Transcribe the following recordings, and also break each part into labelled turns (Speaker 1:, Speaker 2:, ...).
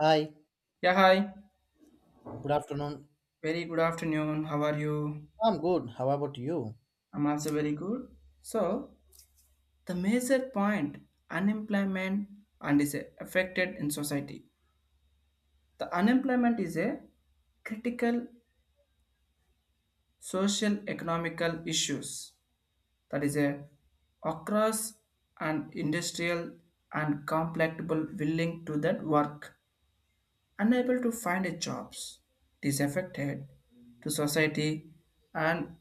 Speaker 1: Hi,
Speaker 2: Yeah, hi.
Speaker 1: good afternoon.
Speaker 2: Very good afternoon. How are you?
Speaker 1: I'm good. How about you?
Speaker 2: I'm also very good. So, the major point unemployment and is affected in society. The unemployment is a critical social economical issues that is a across an industrial and complex people willing to that work unable to find a jobs, it is affected to society and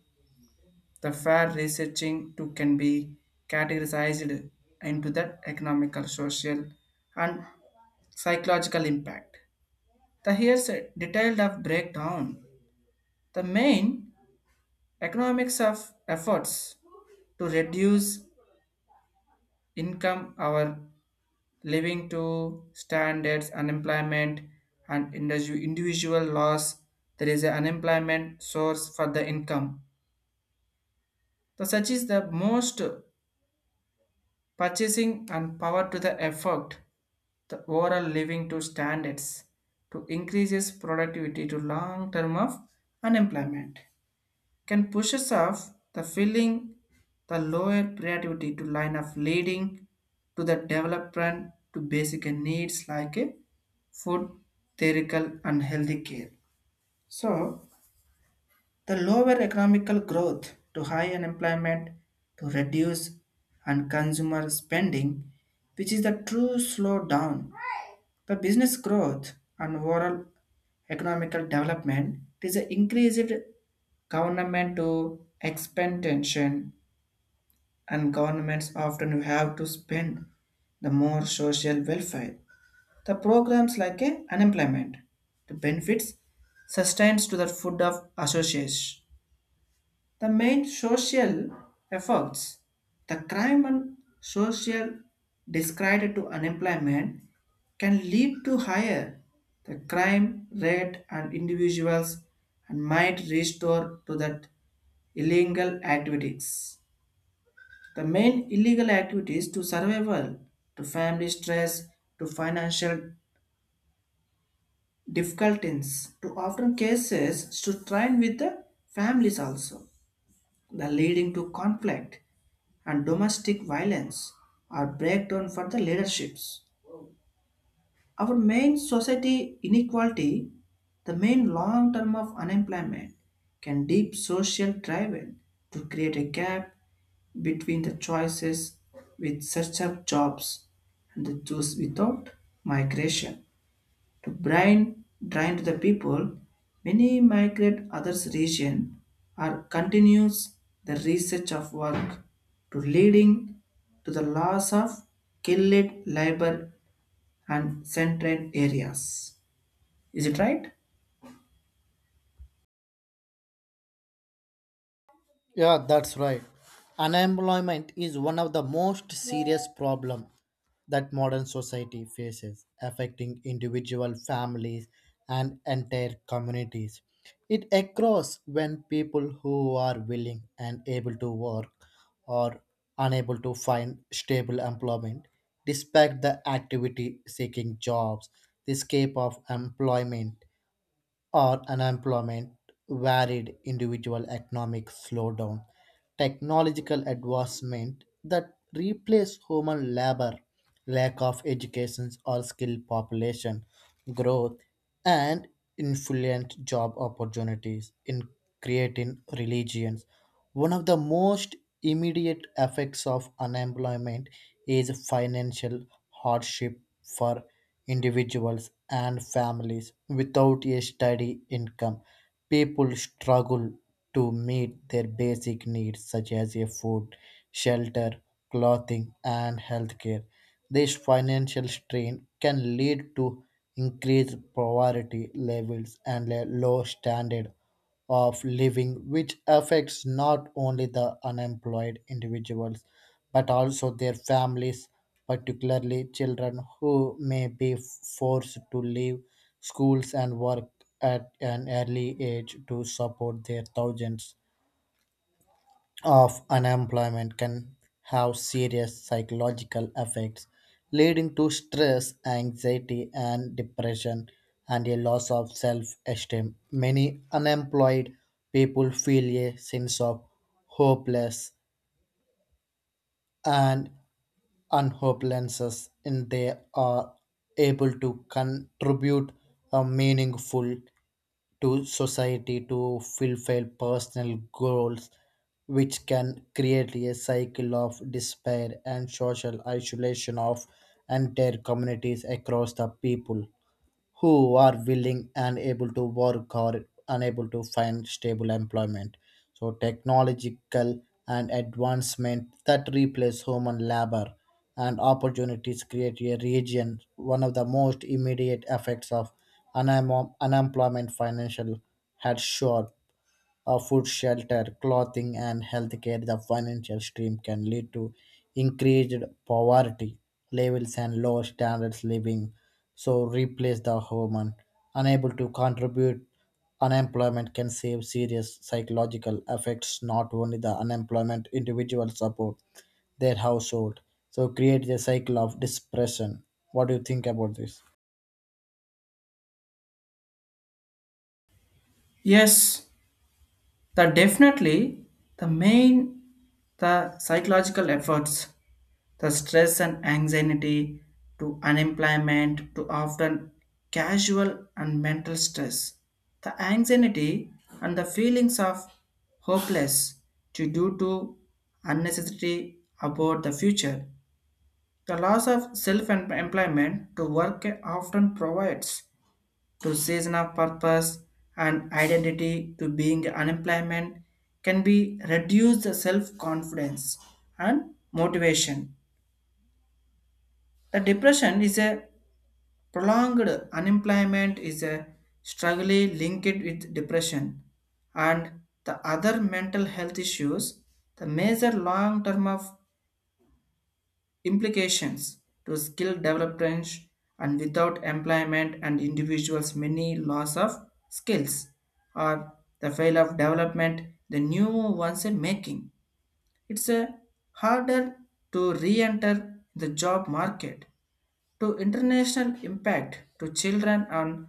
Speaker 2: the fair researching too can be categorized into the economical, social, and psychological impact. The here's a detailed of breakdown. The main economics of efforts to reduce income our living to standards, unemployment, and individual loss. There is an unemployment source for the income. The such is the most purchasing and power to the effort, the overall living to standards to increases productivity to long term of unemployment can push us off the filling the lower productivity to line of leading to the development to basic needs like a food, theoretical and healthy care. So the lower economical growth to high unemployment to reduce and consumer spending, which is the true slowdown. The business growth and overall economical development is an increased government to expend tension and governments often have to spend the more social welfare. The programs like a unemployment, the benefits sustains to the food of association, the main social efforts, the crime and social discredit to unemployment can lead to higher the crime rate and individuals and might restore to that illegal activities. The main illegal activities to survival, to family stress, to financial difficulties, to often cases to train with the families also, the leading to conflict and domestic violence are breakdown for the leaderships. Our main society inequality, the main long term of unemployment, can deep social driven to create a gap between the choices with such up jobs and the choose without migration to blind the people, many migrate others region or continues the research of work to leading to the loss of skilled labor and central areas. Is it right?
Speaker 1: Yeah, that's right. Unemployment is one of the most serious problem that modern society faces, affecting individual families and entire communities. It occurs when people who are willing and able to work are unable to find stable employment despite the activity seeking jobs. The escape of employment or unemployment, varied individual economic slowdown, technological advancement that replace human labor, lack of education or skilled population growth, and influent job opportunities in creating religions. One of the most immediate effects of unemployment is financial hardship for individuals and families without a steady income. People struggle to meet their basic needs such as a food, shelter, clothing, and healthcare. This financial strain can lead to increased poverty levels, and a low standard of living, which affects not only the unemployed individuals but also their families, particularly children who may be forced to leave schools and work at an early age to support their thousands of unemployment can have serious psychological effects, leading to stress, anxiety, and depression, and a loss of self esteem. Many unemployed people feel a sense of hopeless and on hope lenses and they are able to contribute a meaningful to society to fulfill personal goals which can create a cycle of despair and social isolation of entire communities across the people who are willing and able to work or unable to find stable employment. So, technological and advancement that replace human labor and opportunities create a region. One of the most immediate effects of unemployment financial had short food, shelter, clothing, and healthcare, the financial stream can lead to increased poverty levels and low standards living. So replace the human unable to contribute. Unemployment can save serious psychological effects, not only the unemployment individual support their household. So create a cycle of depression. What do you think about this?
Speaker 2: Yes, the definitely the main the psychological efforts, the stress and anxiety to unemployment to often casual and mental stress. The anxiety and the feelings of hopeless to due to unnecessary about the future. The loss of self-employment to work often provides to season of purpose and identity to being unemployment can be reduce the self-confidence and motivation, the depression is a prolonged unemployment is a struggle linked with depression and the other mental health issues, the major long term of implications to skill development and without employment and individuals many loss of skills or the fail of development the new ones in making it's a harder to re-enter the job market. To international impact to children and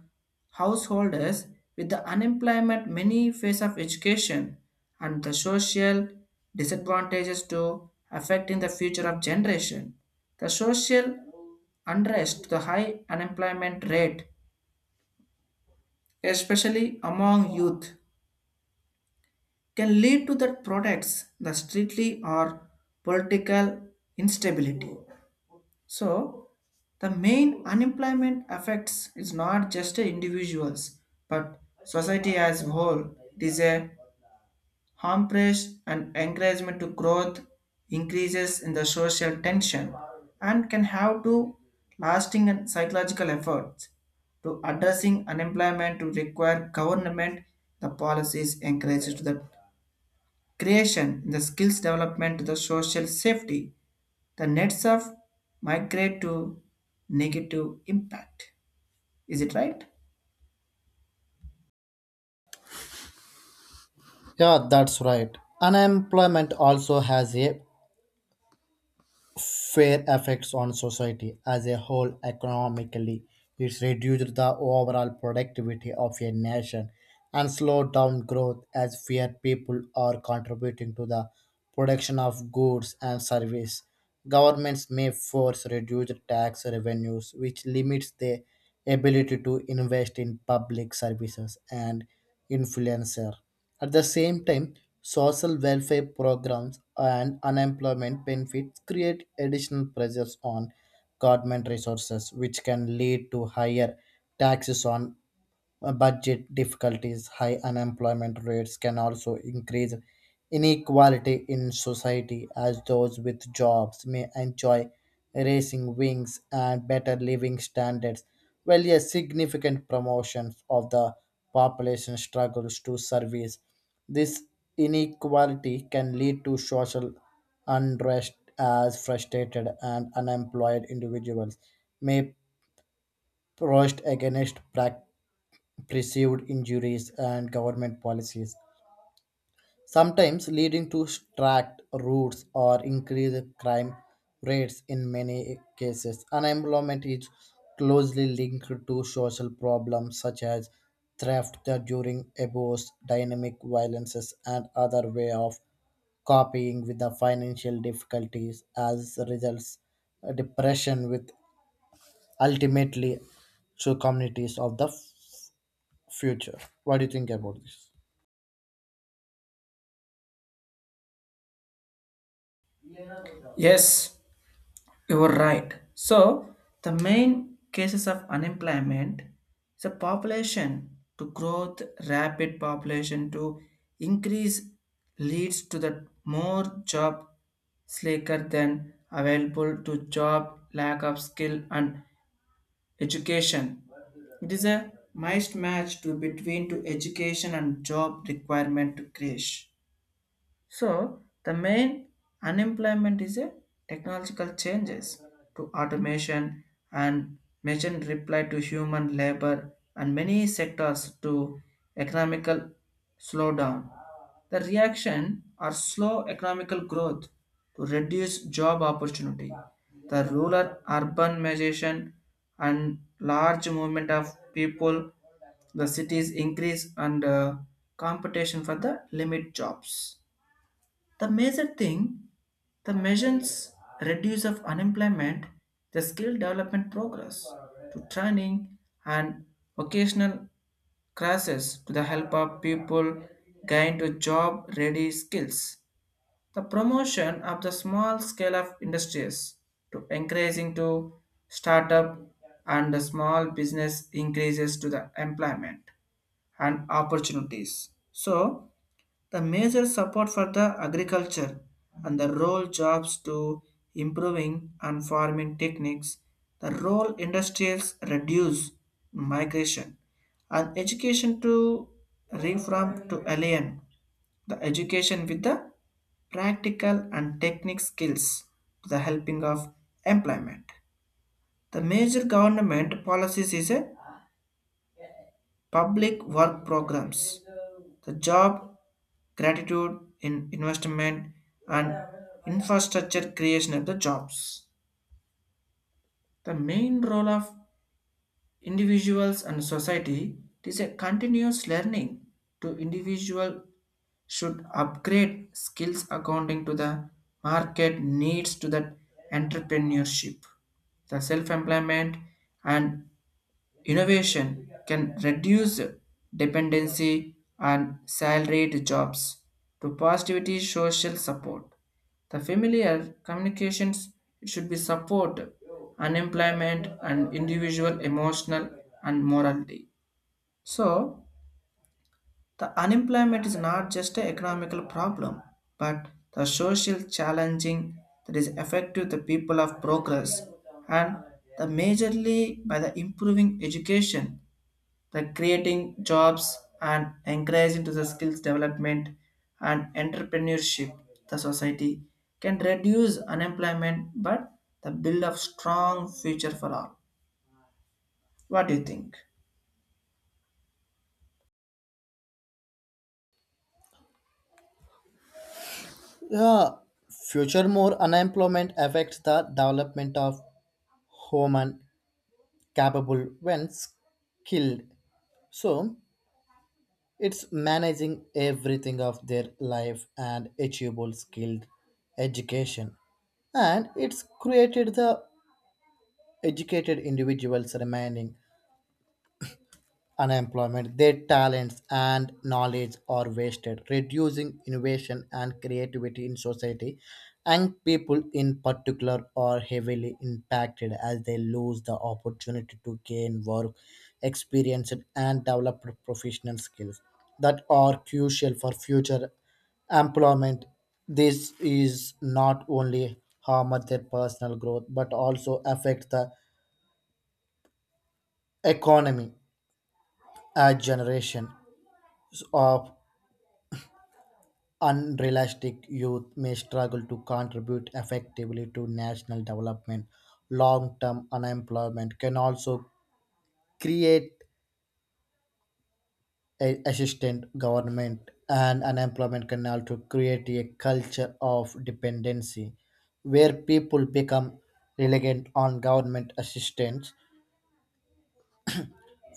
Speaker 2: householders with the unemployment many phase of education and the social disadvantages to affecting the future of generation. The social unrest, the high unemployment rate, especially among youth, can lead to the products, the streetly or political instability. So, the main unemployment affects is not just individuals but society as a whole. It is a harm press and encouragement to growth, increases in the social tension and can have to lasting and psychological efforts to addressing unemployment to require government the policies encourage to the creation in the skills development to the social safety the nets of migrate to negative impact. Is it right?
Speaker 1: Yeah, that's right. Unemployment also has a fair effects on society as a whole economically. It's reduced the overall productivity of a nation and slowed down growth as fewer people are contributing to the production of goods and service. Governments may force reduced tax revenues, which limits the ability to invest in public services and influencer. At the same time, social welfare programs and unemployment benefits create additional pressures on government resources, which can lead to higher taxes on budget difficulties, high unemployment rates can also increase inequality in society as those with jobs may enjoy raising wings and better living standards, while a significant promotion of the population struggles to service. This inequality can lead to social unrest as frustrated and unemployed individuals may protest against perceived injuries and government policies, sometimes leading to tracked routes or increased crime rates in many cases. Unemployment is closely linked to social problems such as theft during abuse, dynamic violences, and other way of copying with the financial difficulties as results depression with ultimately to communities of the future. What do you think about this?
Speaker 2: Yes, you were right. So, the main cases of unemployment is a population to growth, rapid population to increase leads to the more job slacker than available to job, lack of skill and education. It is a mismatch to between to education and job requirement to crash. So the main unemployment is a technological changes to automation and machine reply to human labor and many sectors to economical slowdown. The reaction are slow economical growth to reduce job opportunity. The rural urbanization and large movement of people, the cities increase and competition for the limit jobs, the major thing, the measures reduce of unemployment, the skill development progress to training and vocational classes to the help of people gain to job ready skills. The promotion of the small scale of industries to encouraging to startup and the small business increases to the employment and opportunities. So the major support for the agriculture and the role jobs to improving and farming techniques, the role industrials reduce migration and education to reform to alien the education with the practical and technical skills to the helping of employment. The major government policies is a public work programs, the job gratitude in investment and infrastructure creation of the jobs. The main role of individuals and society is a continuous learning to individual should upgrade skills according to the market needs to that entrepreneurship, the self-employment and innovation can reduce dependency on salaried jobs to positivity social support. The familiar communications should be support unemployment and individual emotional and morality. So the unemployment is not just an economical problem, but the social challenging that is affecting the people of progress and the majorly by the improving education, the creating jobs and encouraging to the skills development and entrepreneurship, the society can reduce unemployment but the build of strong future for all. What do you think?
Speaker 1: Yeah, future more unemployment affects the development of human capable when skilled. So it's managing everything of their life and achievable skilled education. And it's created the educated individuals remaining unemployment, their talents and knowledge are wasted, reducing innovation and creativity in society. Young people, in particular, are heavily impacted as they lose the opportunity to gain work experience and develop professional skills that are crucial for future employment. This is not only harm their personal growth but also affect the economy. A generation of unrealistic youth may struggle to contribute effectively to national development. Long term unemployment can also create a assistant government, and unemployment can also create a culture of dependency where people become reliant on government assistance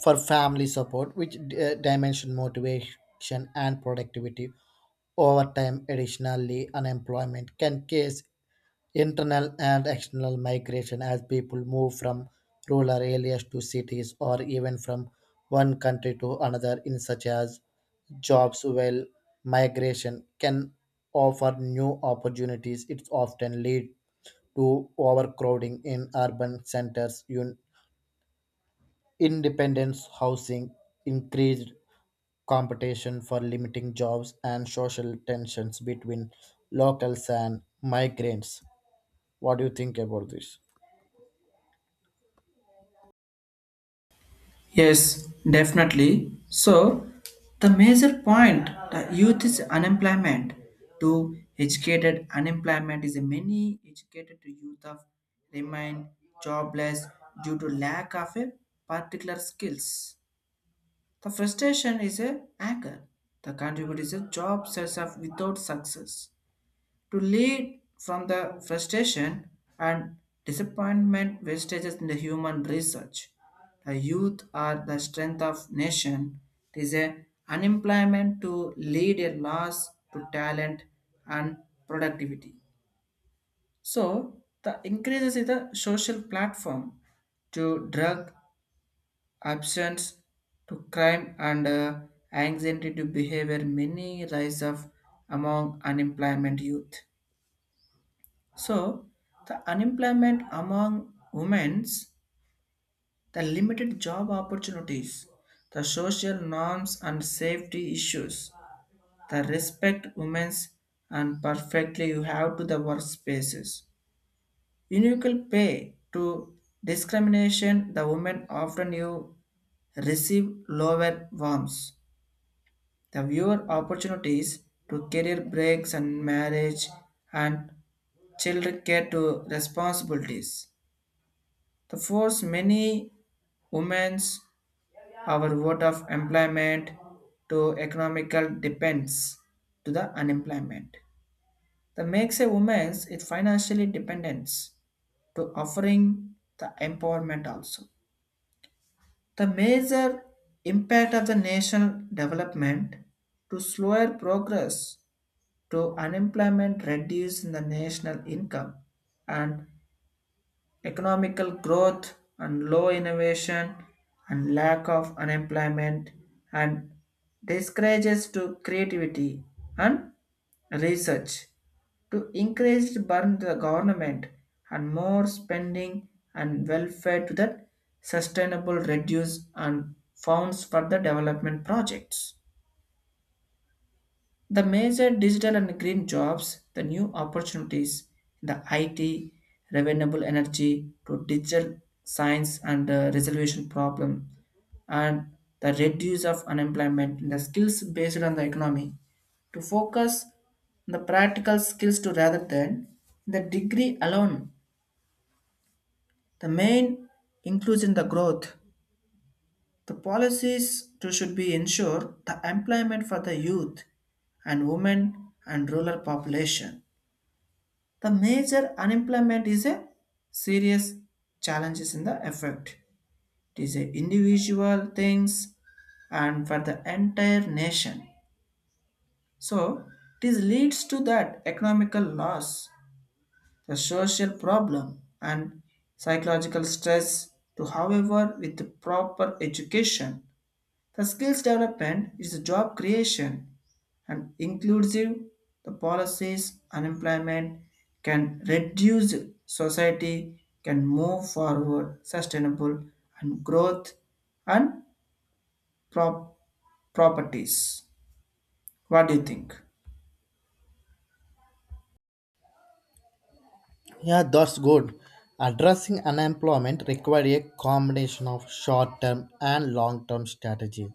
Speaker 1: for family support, which dimension motivation and productivity over time. Additionally, unemployment can cause internal and external migration as people move from rural areas to cities or even from one country to another in such as jobs while migration can offer new opportunities it often lead to overcrowding in urban centers independence housing increased competition for limiting jobs and social tensions between locals and migrants. What do you think about this?
Speaker 2: Yes, definitely. So, the major point the youth is unemployment. To educated unemployment is a many educated youth of remain jobless due to lack of a particular skills. The frustration is a anger. The contributor is a job sets up without success. To lead from the frustration and disappointment wastages in the human research. The youth are the strength of nation. It is a unemployment to lead a loss to talent and productivity. So the increases in the social platform to drug absence to crime and anxiety to behavior many rise of among unemployment youth, so the unemployment among women's, the limited job opportunities, the social norms and safety issues, the respect women's and perfectly you have to the workspaces, unequal pay to discrimination the women often you receive lower worms, the viewer opportunities to career breaks and marriage and children care to responsibilities. The force many women's our vote of employment to economical depends to the unemployment. That makes a woman's it financially dependence to offering the empowerment also. The major impact of the national development to slower progress to unemployment reduce the national income and economical growth and low innovation and lack of unemployment and discourages to creativity and research to increase to burn the government and more spending and welfare to the sustainable reduce and funds for the development projects. The major digital and green jobs, the new opportunities in the IT, renewable energy to digital science and resolution problem, and the reduce of unemployment in the skills based on the economy to focus the practical skills to rather than the degree alone. The main includes in the growth. The policies to should be ensure the employment for the youth and women and rural population. The major unemployment is a serious challenges in the effect. It is a individual things and for the entire nation. So it is leads to that economical loss, the social problem and psychological stress to however with the proper education, the skills development is a job creation and inclusive the policies unemployment can reduce, society can move forward sustainable and growth and prop- properties. What do you think?
Speaker 1: Yeah, that's good. Addressing unemployment requires a combination of short-term and long-term strategy.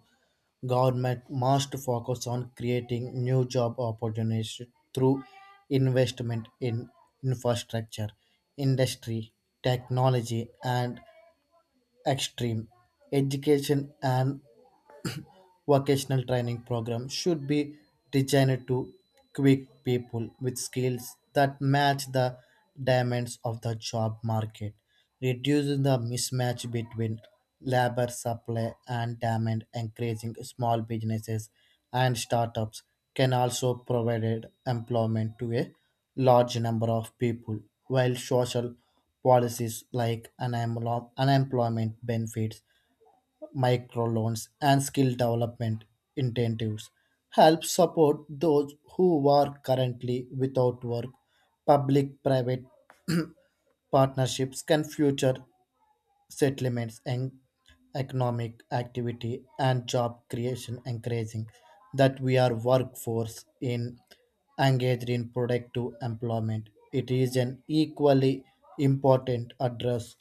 Speaker 1: Government must focus on creating new job opportunities through investment in infrastructure, industry, technology, and extreme education and vocational training program should be designed to equip people with skills that match the demands of the job market, reducing the mismatch between labor supply and demand, encouraging small businesses and startups can also provide employment to a large number of people, while social policies like unemployment benefits microloans and skill development incentives help support those who are currently without work. Public private partnerships can future settlements and economic activity and job creation, encouraging that we are workforce in engaged in productive employment. It is an equally important address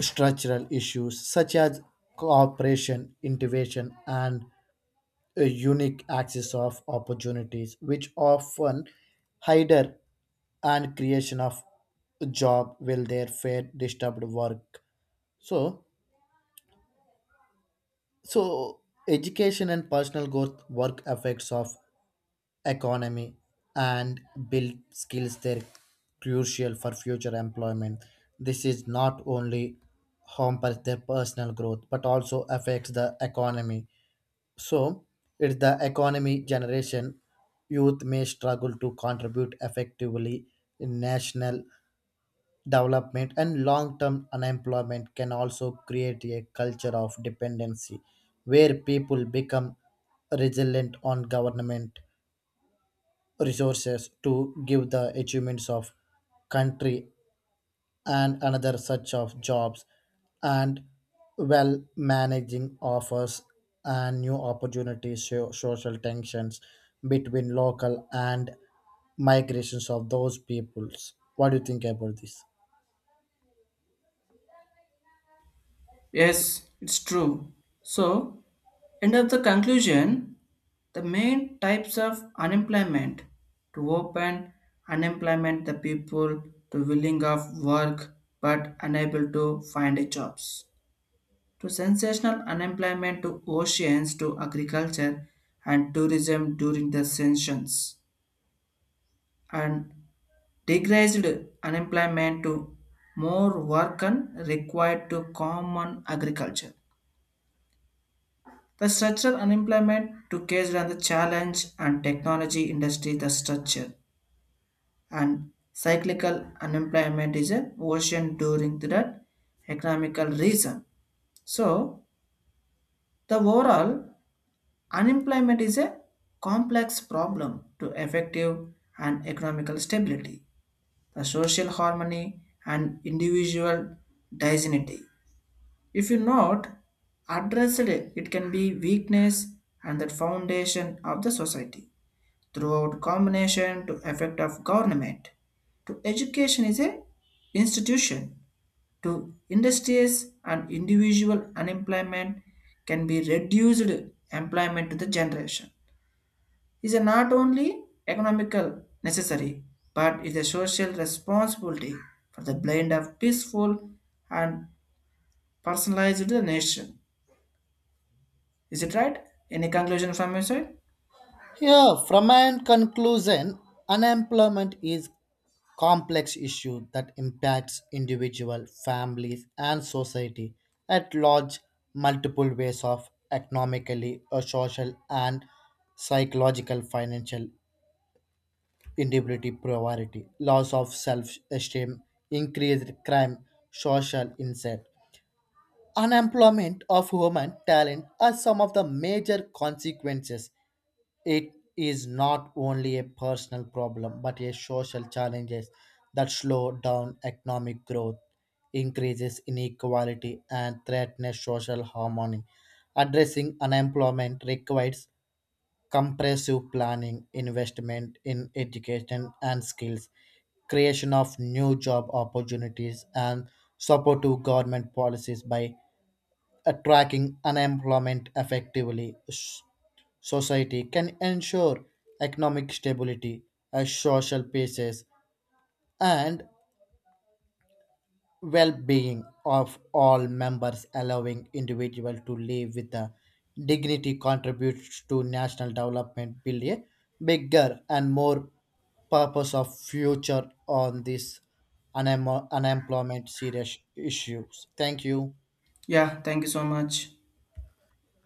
Speaker 1: structural issues such as cooperation, innovation, and a unique access of opportunities, which often hinder and creation of job will their fair disturbed work. So, so education and personal growth work effects of economy and build skills that are crucial for future employment. This is not only hampers their personal growth but also affects the economy. So, it's the economy generation youth may struggle to contribute effectively in national development and long-term unemployment can also create a culture of dependency where people become resilient on government resources to give the achievements of country and another such of jobs and well managing offers and new opportunities social tensions between local and migrations of those peoples. What do you think about this?
Speaker 2: Yes, it's true. So, end of the conclusion, the main types of unemployment to open unemployment the people to willing of work but unable to find a jobs, to sensational unemployment to oceans to agriculture and tourism during the sanctions, and degraded unemployment to more work and required to common agriculture. The structural unemployment to case on the challenge and technology industry the structure, and cyclical unemployment is a ocean during that economical reason. So the overall unemployment is a complex problem to effective and economical stability, the social harmony and individual dignity. If you not address it, it can be weakness and the foundation of the society. Throughout combination to effect of government to education is a institution to industries and individual unemployment can be reduced, employment to the generation is a not only economical necessary but is a social responsibility for the blend of peaceful and personalized to the nation. Is it right? Any conclusion from your side?
Speaker 1: Here, from my conclusion, unemployment is complex issue that impacts individual families and society at large multiple ways of economically or social and psychological financial instability poverty loss of self-esteem increased crime social insight unemployment of human talent are some of the major consequences. It is not only a personal problem but a social challenge that slow down economic growth, increases inequality, and threatens social harmony. Addressing unemployment requires comprehensive planning, investment in education and skills, creation of new job opportunities, and supportive government policies by tracking unemployment effectively society can ensure economic stability a social basis and well-being of all members allowing individual to live with a dignity contributes to national development build a bigger and more purpose of future on this unemployment serious issues. Thank you.
Speaker 2: Yeah, thank you so much.